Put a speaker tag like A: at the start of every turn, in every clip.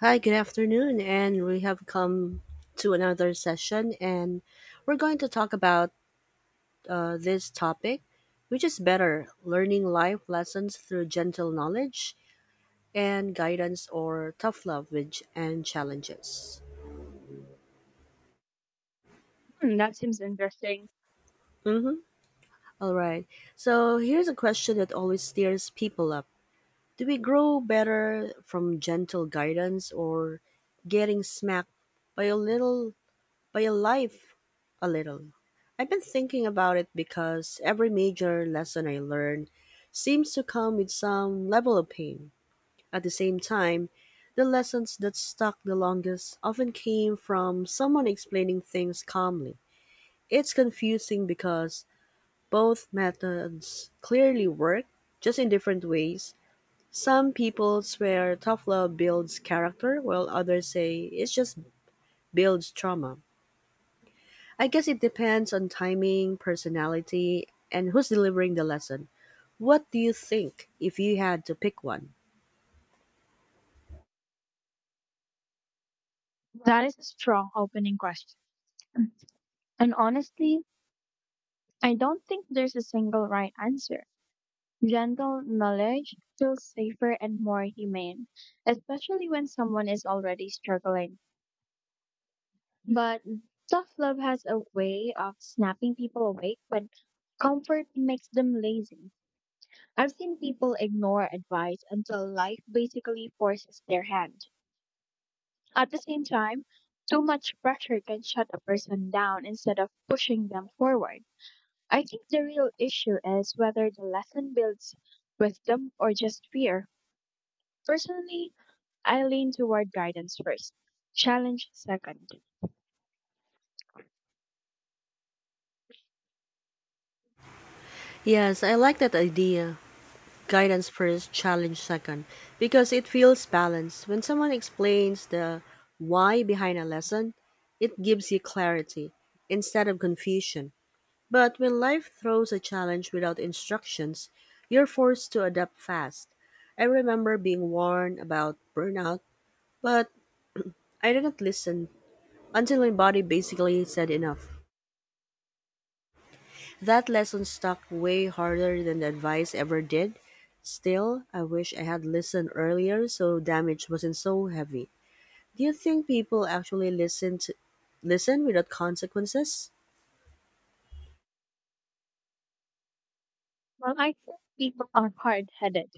A: Hi, good afternoon, and we have come to another session, and we're going to talk about this topic, which is better learning life lessons through gentle knowledge and guidance, or tough love with and challenges.
B: Hmm, that seems interesting.
A: Mm-hmm. All right. So here's a question that always steers people up: Do we grow better from gentle guidance or getting smacked by a little by a life a little. I've been thinking about it because every major lesson I learn seems to come with some level of pain. At the same time, the lessons that stuck the longest often came from someone explaining things calmly. It's confusing because both methods clearly work, just in different ways. Some people swear tough love builds character, while others say it just builds trauma. I guess it depends on timing, personality, and who's delivering the lesson. What do you think if you had to pick one?
B: That is a strong opening question. And honestly, I don't think there's a single right answer. Gentle knowledge feels safer and more humane, especially when someone is already struggling. But tough love has a way of snapping people awake when comfort makes them lazy. I've seen people ignore advice until life basically forces their hand. At the same time, too much pressure can shut a person down instead of pushing them forward. I think the real issue is whether the lesson builds wisdom or just fear. Personally, I lean toward guidance first, challenge second.
A: Yes, I like that idea. Guidance first, challenge second, because it feels balanced. When someone explains the why behind a lesson, it gives you clarity instead of confusion. But when life throws a challenge without instructions, you're forced to adapt fast. I remember being warned about burnout, but I didn't listen until my body basically said enough. That lesson stuck way harder than the advice ever did. Still, I wish I had listened earlier so damage wasn't so heavy. Do you think people actually listen without consequences?
B: Well, I think people are hard headed,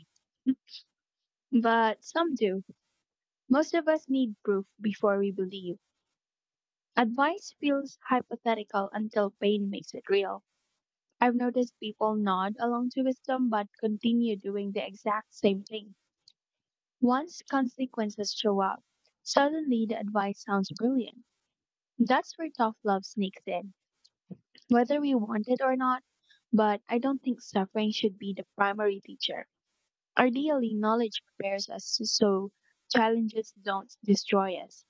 B: but some do. Most of us need proof before we believe. Advice feels hypothetical until pain makes it real. I've noticed people nod along to wisdom but continue doing the exact same thing. Once consequences show up, suddenly the advice sounds brilliant. That's where tough love sneaks in, whether we want it or not. But I don't think suffering should be the primary teacher. Ideally, knowledge prepares us so challenges don't destroy us.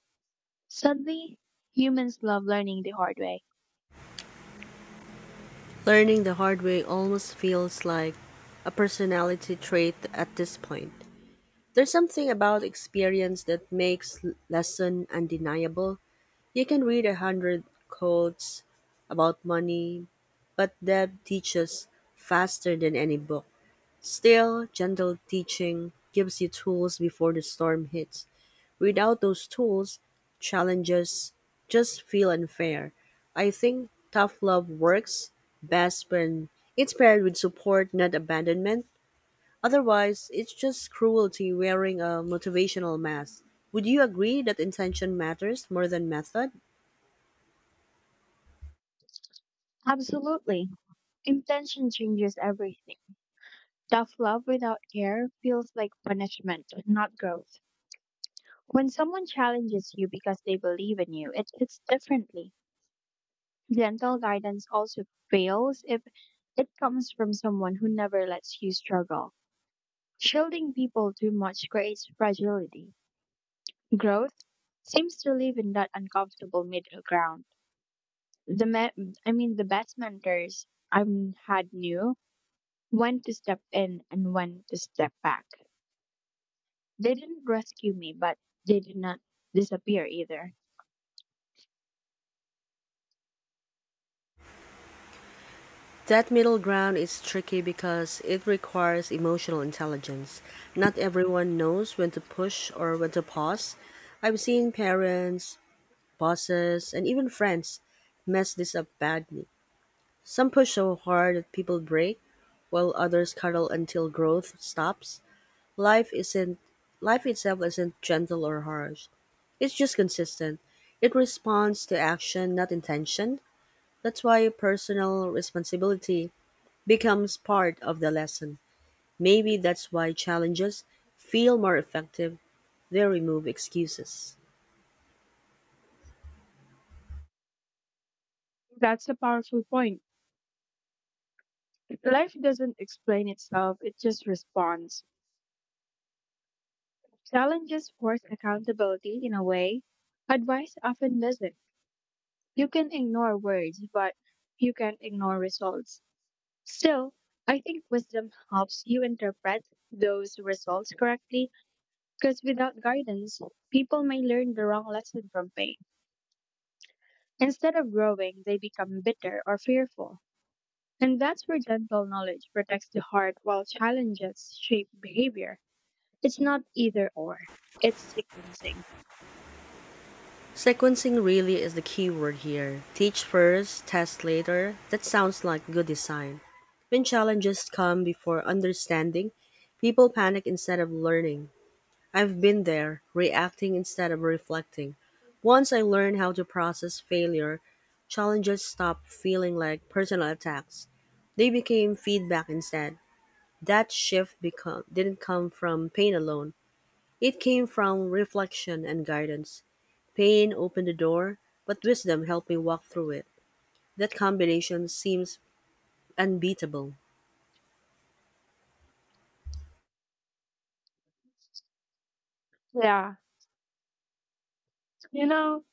B: Suddenly, humans love learning the hard way.
A: Learning the hard way almost feels like a personality trait at this point. There's something about experience that makes lesson undeniable. You can read a hundred quotes about money, but Deb teaches faster than any book. Still, gentle teaching gives you tools before the storm hits. Without those tools, challenges just feel unfair. I think tough love works best when it's paired with support, not abandonment. Otherwise, it's just cruelty wearing a motivational mask. Would you agree that intention matters more than method?
B: Absolutely. Intention changes everything. Tough love without care feels like punishment, not growth. When someone challenges you because they believe in you, it hits differently. Gentle guidance also fails if it comes from someone who never lets you struggle. Shielding people too much creates fragility. Growth seems to live in that uncomfortable middle ground. I mean, the best mentors I've had knew when to step in and when to step back. They didn't rescue me, but they did not disappear either.
A: That middle ground is tricky because it requires emotional intelligence. Not everyone knows when to push or when to pause. I've seen parents, bosses, and even friends mess this up badly. Some push so hard that people break, while others cuddle until growth stops. Life isn't Life itself isn't gentle or harsh. It's just consistent. It responds to action, not intention. That's why personal responsibility becomes part of the lesson. Maybe that's why challenges feel more effective, they remove excuses.
B: That's a powerful point. Life doesn't explain itself, it just responds. Challenges force accountability in a way advice often doesn't. You can ignore words, but you can't ignore results. Still, I think wisdom helps you interpret those results correctly because without guidance, people may learn the wrong lesson from pain. Instead of growing, they become bitter or fearful. And that's where gentle knowledge protects the heart while challenges shape behavior. It's not either or, it's sequencing.
A: Sequencing really is the key word here. Teach first, test later. That sounds like good design. When challenges come before understanding, people panic instead of learning. I've been there, reacting instead of reflecting. Once I learned how to process failure, challenges stopped feeling like personal attacks. They became feedback instead. That didn't come from pain alone. It came from reflection and guidance. Pain opened the door, but wisdom helped me walk through it. That combination seems unbeatable.
B: Yeah, you know,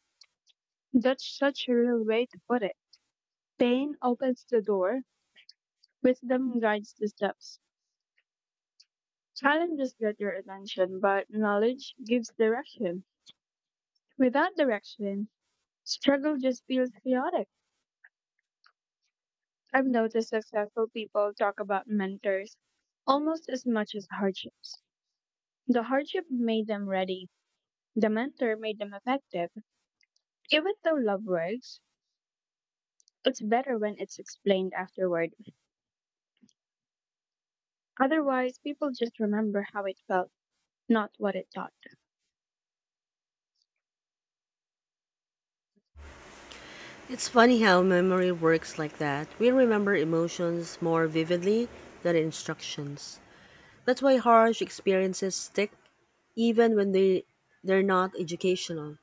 B: that's such a real way to put it. Pain opens the door, wisdom guides the steps. Challenges get your attention, but knowledge gives direction. Without direction, struggle just feels chaotic. I've noticed successful people talk about mentors almost as much as hardships. The hardship made them ready. The mentor made them effective. Even though love works, it's better when it's explained afterward. Otherwise, people just remember how it felt, not what it taught.
A: It's funny how memory works like that. We remember emotions more vividly than instructions. That's why harsh experiences stick even when they're not educational.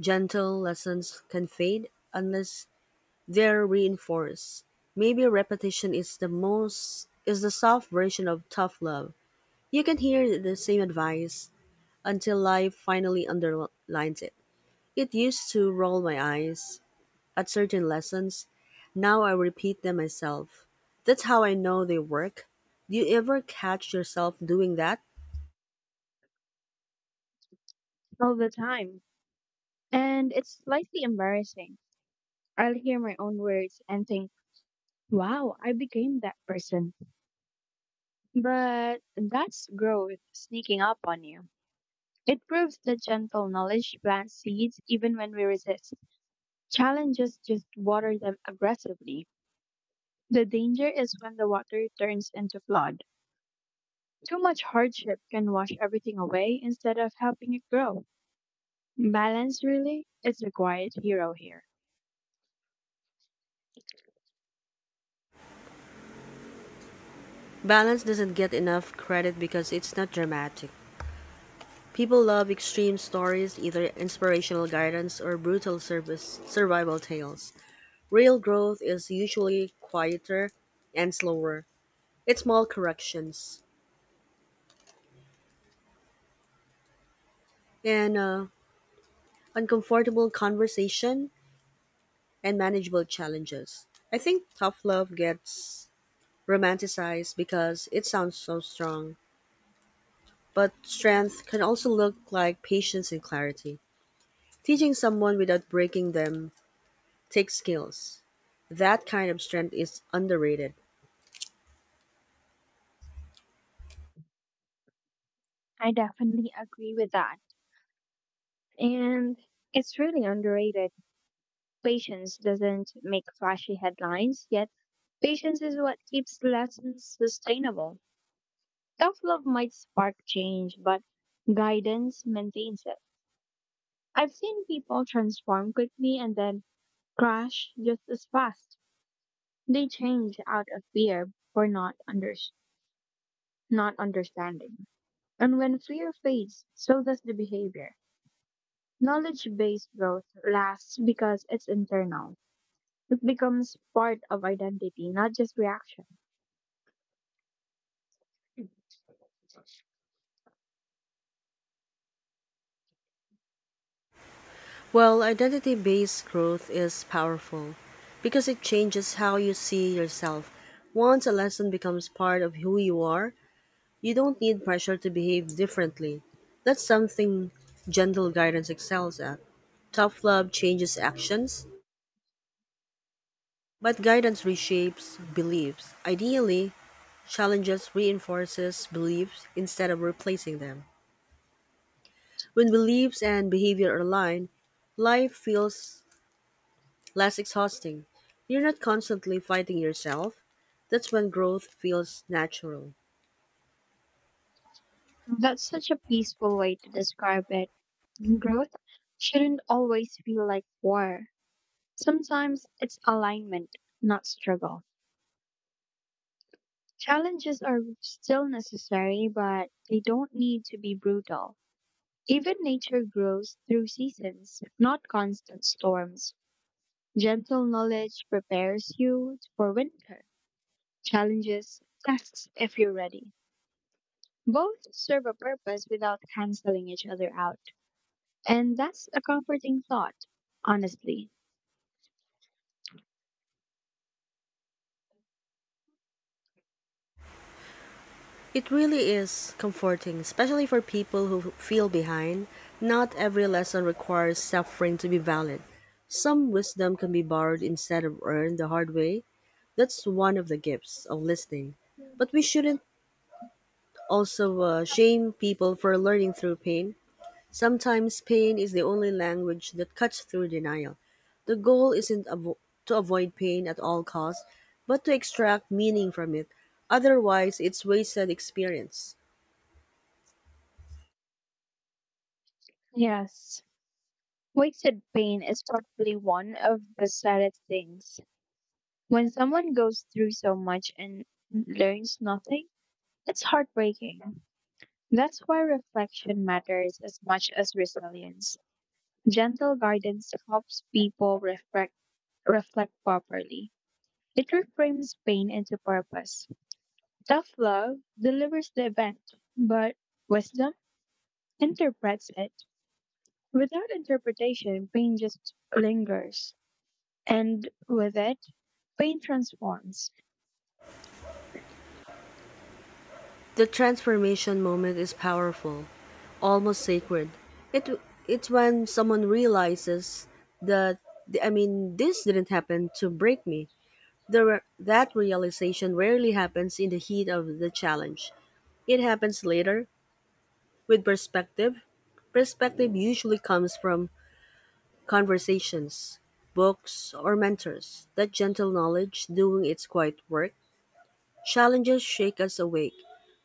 A: Gentle lessons can fade unless they're reinforced. Maybe repetition is the most is the soft version of tough love. You can hear the same advice until life finally underlines it. It used to roll my eyes at certain lessons. Now I repeat them myself. That's how I know they work. Do you ever catch yourself doing that?
B: All the time. And it's slightly embarrassing. I'll hear my own words and think, wow, I became that person. But that's growth sneaking up on you. It proves that gentle knowledge plants seeds even when we resist. Challenges just water them aggressively. The danger is when the water turns into flood. Too much hardship can wash everything away instead of helping it grow. Balance really is the quiet hero here.
A: Balance doesn't get enough credit because it's not dramatic. People love extreme stories, either inspirational guidance or brutal service survival tales. Real growth is usually quieter and slower. It's small corrections, and uncomfortable conversation, and manageable challenges. I think tough love gets romanticized because it sounds so strong, but strength can also look like patience and clarity. Teaching someone without breaking them takes skills. That kind of strength is underrated.
B: I definitely agree with that. And it's really underrated. Patience doesn't make flashy headlines, yet patience is what keeps lessons sustainable. Tough love might spark change, but guidance maintains it. I've seen people transform quickly and then crash just as fast. They change out of fear for not understanding. And when fear fades, so does the behavior. Knowledge-based growth lasts because it's internal. It becomes part of identity, not just reaction.
A: Well, identity based growth is powerful because it changes how you see yourself. Once a lesson becomes part of who you are, you don't need pressure to behave differently. That's something gentle guidance excels at. Tough love changes actions, but guidance reshapes beliefs. Ideally, challenges reinforces beliefs instead of replacing them. When beliefs and behavior align, life feels less exhausting. You're not constantly fighting yourself. That's when growth feels natural.
B: That's such a peaceful way to describe it. Growth shouldn't always feel like war. Sometimes it's alignment, not struggle. Challenges are still necessary, but they don't need to be brutal. Even nature grows through seasons, not constant storms. Gentle knowledge prepares you for winter, challenges, tests if you're ready. Both serve a purpose without canceling each other out. And that's a comforting thought, honestly.
A: It really is comforting, especially for people who feel behind. Not every lesson requires suffering to be valid. Some wisdom can be borrowed instead of earned the hard way. That's one of the gifts of listening. But we shouldn't also shame people for learning through pain. Sometimes pain is the only language that cuts through denial. The goal isn't to avoid pain at all costs, but to extract meaning from it. Otherwise, it's wasted experience.
B: Yes. Wasted pain is probably one of the saddest things. When someone goes through so much and learns nothing, it's heartbreaking. That's why reflection matters as much as resilience. Gentle guidance helps people reflect properly. It reframes pain into purpose. Tough love delivers the event, but wisdom interprets it. Without interpretation, pain just lingers. And with it, pain transforms.
A: The transformation moment is powerful, almost sacred. It it's when someone realizes that I mean this didn't happen to break me. That realization rarely happens in the heat of the challenge. It happens later with perspective, perspective usually comes from conversations, books, or mentors. That gentle knowledge, doing its quiet work, challenges shake us awake,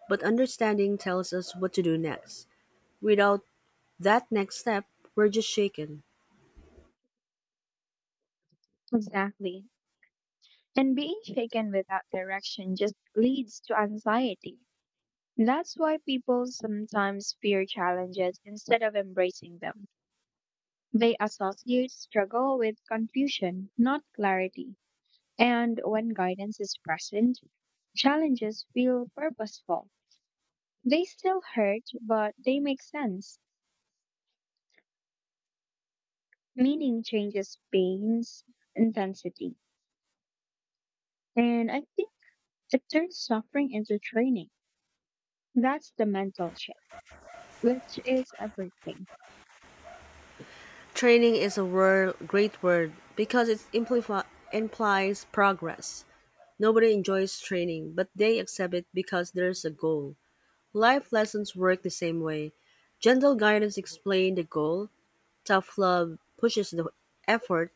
A: but understanding tells us what to do next. Without that next step, we're just shaken.
B: Exactly. And being shaken without direction just leads to anxiety. That's why people sometimes fear challenges instead of embracing them. They associate struggle with confusion, not clarity. And when guidance is present, challenges feel purposeful. They still hurt, but they make sense. Meaning changes pain's intensity. And I think it turns suffering into training. That's the mental shift, which is everything.
A: Training is great word because it implies progress. Nobody enjoys training, but they accept it because there's a goal. Life lessons work the same way. Gentle guidance explains the goal, tough love pushes the effort.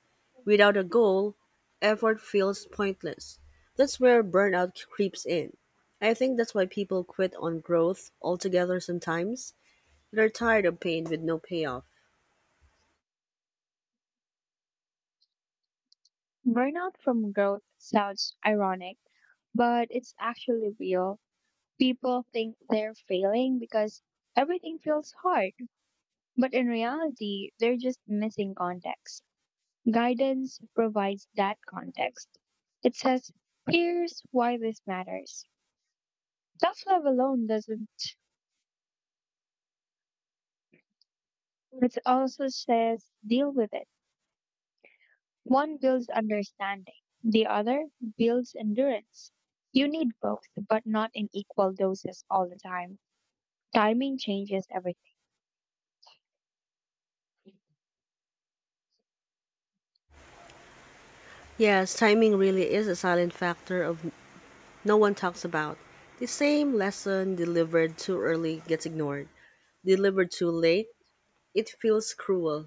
A: Without a goal, effort feels pointless. That's where burnout creeps in. I think that's why people quit on growth altogether sometimes. They're tired of pain with no payoff.
B: Burnout from growth sounds ironic but it's actually real. People think they're failing because everything feels hard, but in reality, they're just missing context. Guidance provides that context. It says, here's why this matters. Tough love alone doesn't. It also says, deal with it. One builds understanding, the other builds endurance. You need both, but not in equal doses all the time. Timing changes everything.
A: Yes, timing really is a silent factor of no one talks about. The same lesson delivered too early gets ignored. Delivered too late, it feels cruel.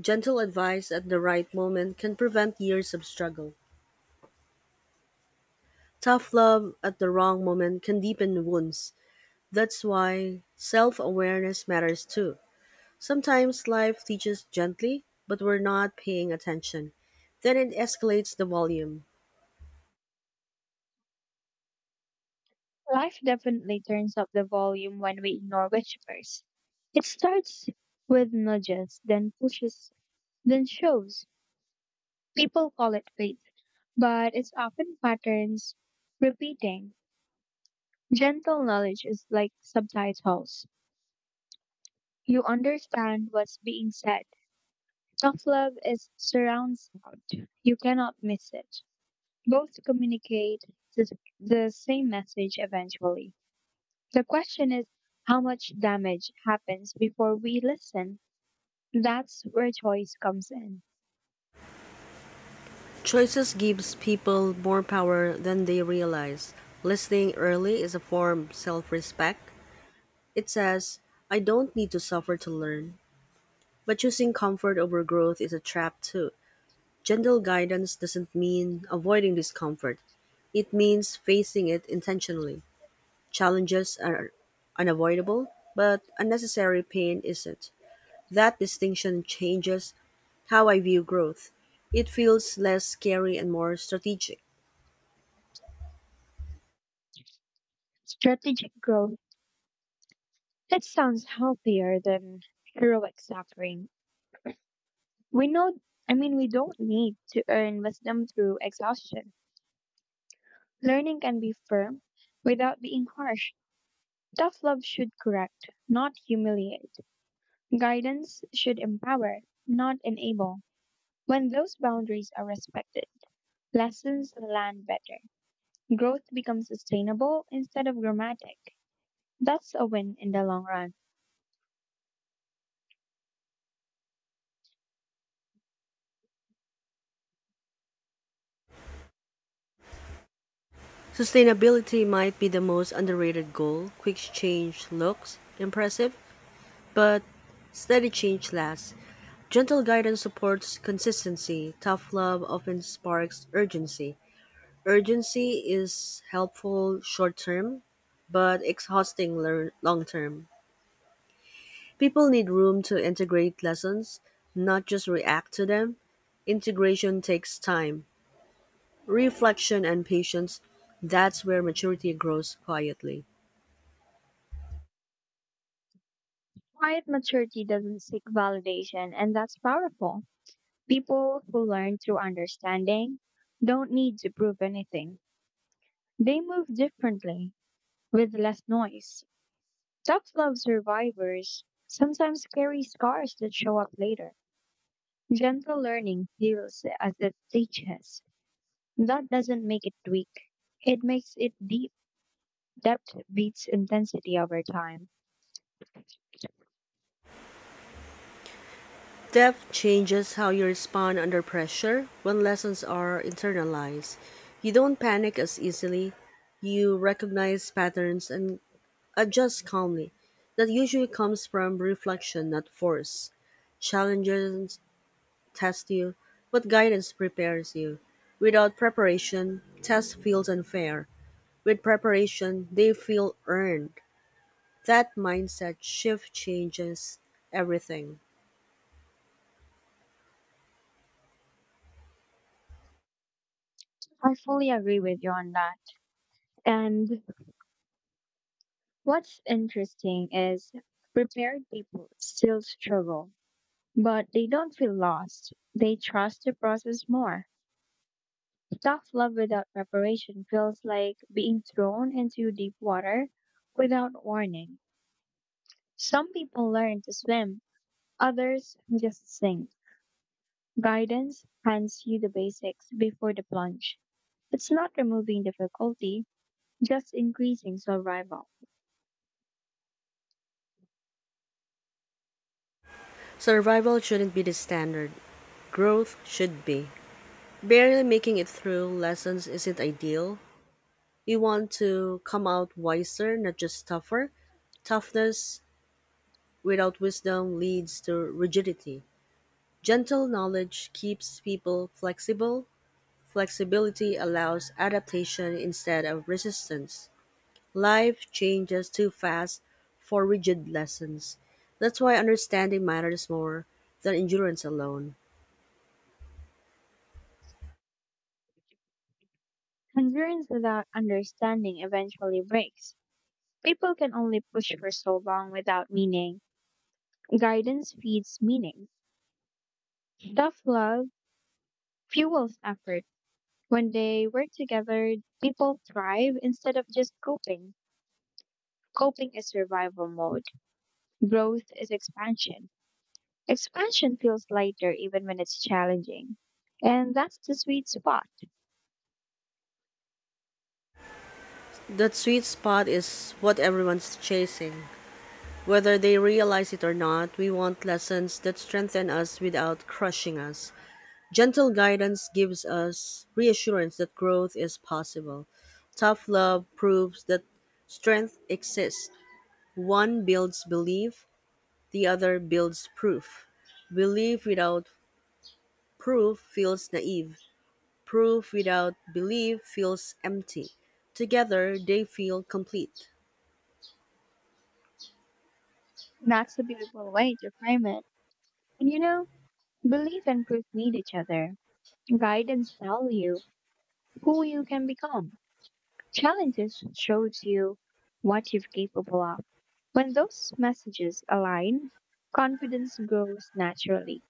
A: Gentle advice at the right moment can prevent years of struggle. Tough love at the wrong moment can deepen wounds. That's why self awareness matters too. Sometimes life teaches gently, but we're not paying attention. Then it escalates the volume.
B: Life definitely turns up the volume when we ignore whispers. It starts with nudges, then pushes, then shows. People call it faith, but it's often patterns repeating. Gentle knowledge is like subtitles. You understand what's being said. Tough love is surround sound. You cannot miss it. Both communicate the the same message eventually. The question is how much damage happens before we listen. That's where choice comes in.
A: Choices gives people more power than they realize. Listening early is a form of self-respect. It says, I don't need to suffer to learn. But choosing comfort over growth is a trap too. Gentle guidance doesn't mean avoiding discomfort. It means facing it intentionally. Challenges are unavoidable, but unnecessary pain isn't. That distinction changes how I view growth. It feels less scary and more strategic.
B: Strategic growth, that sounds healthier than heroic suffering. We know, I mean, we don't need to earn wisdom through exhaustion. Learning can be firm without being harsh. Tough love should correct, not humiliate. Guidance should empower, not enable. When those boundaries are respected, lessons land better. Growth becomes sustainable instead of dramatic. That's a win in the long run.
A: Sustainability might be the most underrated goal. Quick change looks impressive, but steady change lasts. Gentle guidance supports consistency. Tough love often sparks urgency. Urgency is helpful short term, but exhausting long term. People need room to integrate lessons, not just react to them. Integration takes time, reflection, and patience. That's where maturity grows quietly.
B: Quiet maturity doesn't seek validation, and that's powerful. People who learn through understanding don't need to prove anything. They move differently, with less noise. Tough love survivors sometimes carry scars that show up later. Gentle learning heals as it teaches. That doesn't make it weak, it makes it deep. Depth beats intensity over time.
A: Depth changes how you respond under pressure when lessons are internalized. You don't panic as easily, you recognize patterns and adjust calmly. That usually comes from reflection, not force. Challenges test you, but guidance prepares you. Without preparation, test feels unfair. With preparation, they feel earned. That mindset shift changes everything.
B: I fully agree with you on that. And what's interesting is prepared people still struggle, but they don't feel lost. They trust the process more. Tough love without preparation feels like being thrown into deep water without warning. Some people learn to swim, others just sink. Guidance hands you the basics before the plunge. It's not removing difficulty, just increasing survival.
A: Survival shouldn't be the standard, growth should be. Barely making it through lessons isn't ideal. You want to come out wiser, not just tougher. Toughness without wisdom leads to rigidity. Gentle knowledge keeps people flexible. Flexibility allows adaptation instead of resistance. Life changes too fast for rigid lessons. That's why understanding matters more than endurance alone.
B: Concerns without understanding eventually breaks. People can only push for so long without meaning. Guidance feeds meaning. Tough love fuels effort. When they work together, people thrive instead of just coping. Coping is survival mode. Growth is expansion. Expansion feels lighter even when it's challenging. And that's the sweet spot.
A: That sweet spot is what everyone's chasing. Whether they realize it or not, we want lessons that strengthen us without crushing us. Gentle guidance gives us reassurance that growth is possible. Tough love proves that strength exists. One builds belief, the other builds proof. Belief without proof feels naive. Proof without belief feels empty. Together, they feel complete.
B: That's a beautiful way to frame it. And belief and proof need each other. Guidance tell you who you can become. Challenges shows you what you're capable of. When those messages align, confidence grows naturally.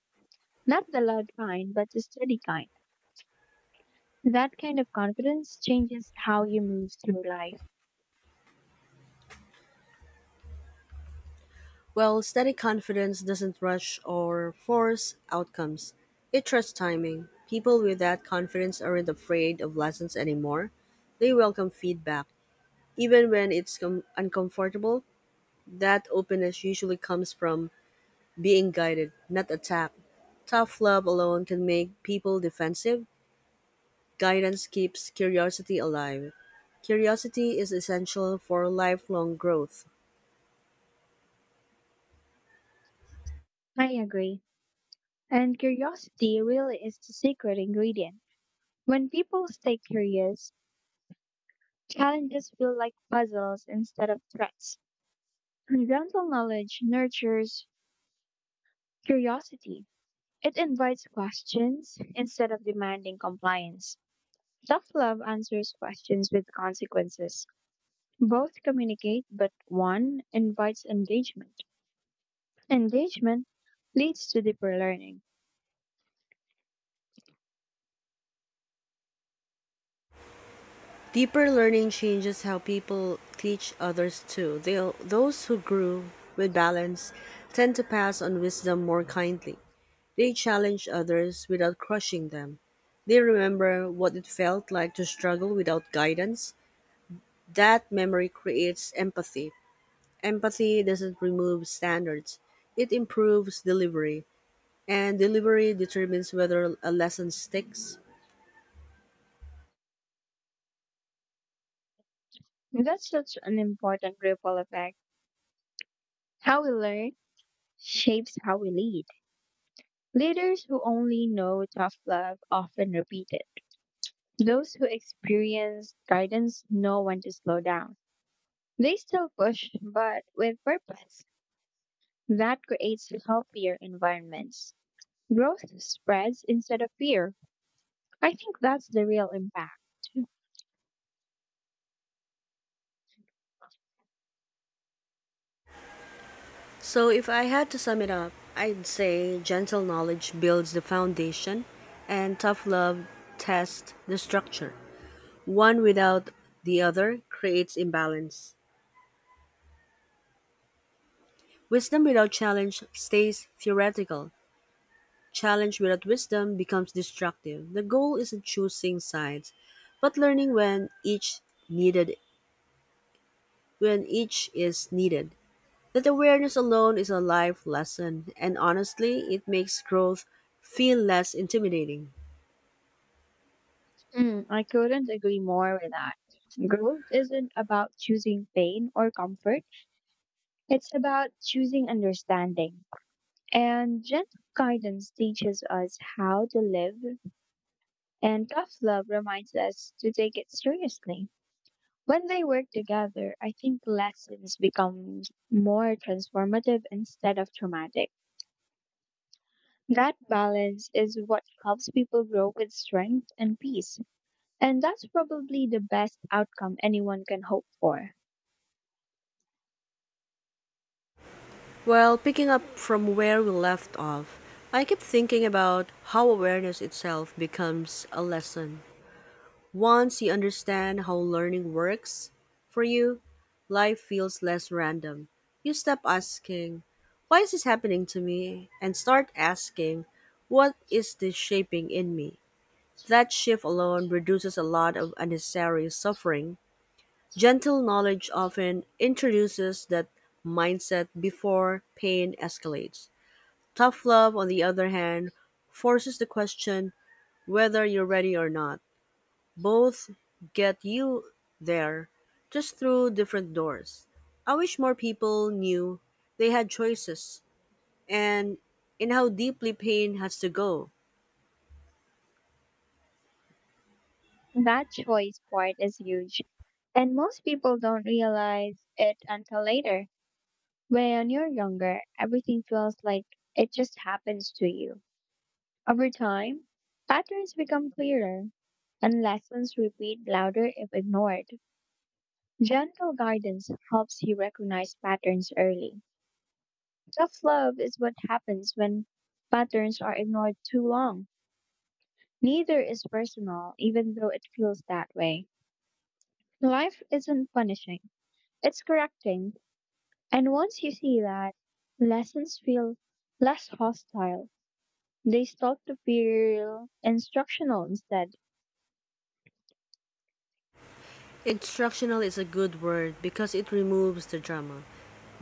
B: Not the loud kind, but the steady kind. That kind of confidence changes how you move through life.
A: Well, steady confidence doesn't rush or force outcomes. It trusts timing. People with that confidence aren't afraid of lessons anymore. They welcome feedback, even when it's uncomfortable. That openness usually comes from being guided, not attacked. Tough love alone can make people defensive. Guidance keeps curiosity alive. Curiosity is essential for lifelong growth.
B: I agree. And curiosity really is the secret ingredient. When people stay curious, challenges feel like puzzles instead of threats. And gentle knowledge nurtures curiosity. It invites questions instead of demanding compliance. Tough love answers questions with consequences. Both communicate, but one invites engagement. Engagement leads to deeper learning.
A: Deeper learning changes how people teach others too. Those who grew with balance tend to pass on wisdom more kindly. They challenge others without crushing them. They remember what it felt like to struggle without guidance. That memory creates empathy. Empathy doesn't remove standards, it improves delivery, and delivery determines whether a lesson sticks.
B: That's such an important ripple effect. How we learn shapes how we lead. Leaders who only know tough love often repeat it. Those who experience guidance know when to slow down. They still push, but with purpose. That creates healthier environments. Growth spreads instead of fear. I think that's the real impact.
A: So, if I had to sum it up, I'd say gentle knowledge builds the foundation and tough love tests the structure. One without the other creates imbalance. Wisdom without challenge stays theoretical. Challenge without wisdom becomes destructive. The goal isn't choosing sides, but learning needed when each is needed. That awareness alone is a life lesson, and honestly, it makes growth feel less intimidating.
B: Mm, I couldn't agree more with that. Growth isn't about choosing pain or comfort, it's about choosing understanding. And gentle guidance teaches us how to live, and tough love reminds us to take it seriously. When they work together, I think lessons become more transformative instead of traumatic. That balance is what helps people grow with strength and peace. And that's probably the best outcome anyone can hope for.
A: Well, picking up from where we left off, I keep thinking about how awareness itself becomes a lesson. Once you understand how learning works for you, life feels less random. You stop asking, why is this happening to me? And start asking, what is this shaping in me? That shift alone reduces a lot of unnecessary suffering. Gentle knowledge often introduces that mindset before pain escalates. Tough love, on the other hand, forces the question whether you're ready or not. Both get you there, just through different doors. I wish more people knew they had choices and in how deeply pain has to go.
B: That choice part is huge. And most people don't realize it until later. When you're younger, everything feels like it just happens to you. Over time, patterns become clearer and lessons repeat louder if ignored. Gentle guidance helps you recognize patterns early. Tough love is what happens when patterns are ignored too long. Neither is personal, even though it feels that way. Life isn't punishing, it's correcting. And once you see that, lessons feel less hostile. They start to feel instructional instead.
A: Instructional is a good word because it removes the drama.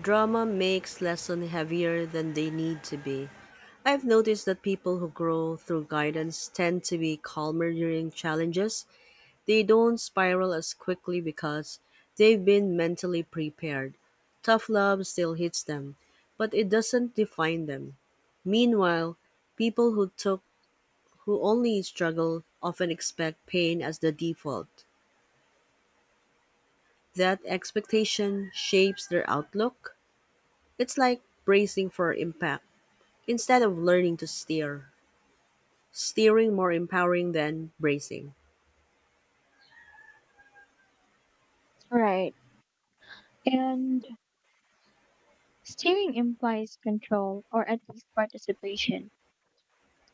A: Drama makes lessons heavier than they need to be. I've noticed that people who grow through guidance tend to be calmer during challenges. They don't spiral as quickly because they've been mentally prepared. Tough love still hits them, but it doesn't define them. Meanwhile, people who took who only struggle often expect pain as the default. That expectation shapes their outlook. It's like bracing for impact instead of learning to steer. Steering more empowering than bracing.
B: Right. And steering implies control or at least participation.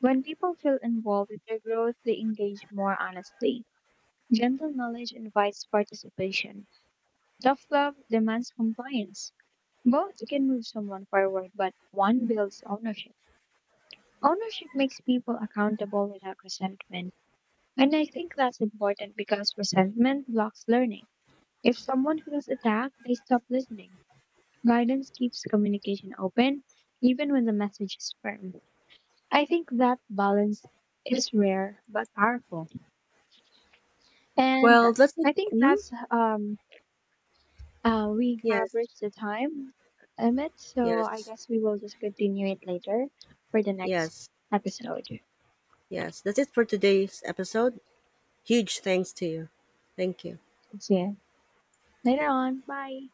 B: When people feel involved with their growth, they engage more honestly. Gentle knowledge invites participation. Tough love demands compliance. Both can move someone forward, but one builds ownership. Ownership makes people accountable without resentment. And I think that's important because resentment blocks learning. If someone feels attacked, they stop listening. Guidance keeps communication open, even when the message is firm. I think that balance is rare but powerful. And
A: Well, that's it.
B: I think that's we have
A: Yes,
B: reached the time limit, so I
A: yes,
B: guess we will just continue it later for the next
A: yes.
B: episode.
A: Yes, that's it for today's episode. Huge thanks to you. Thank you.
B: See you later on. Bye.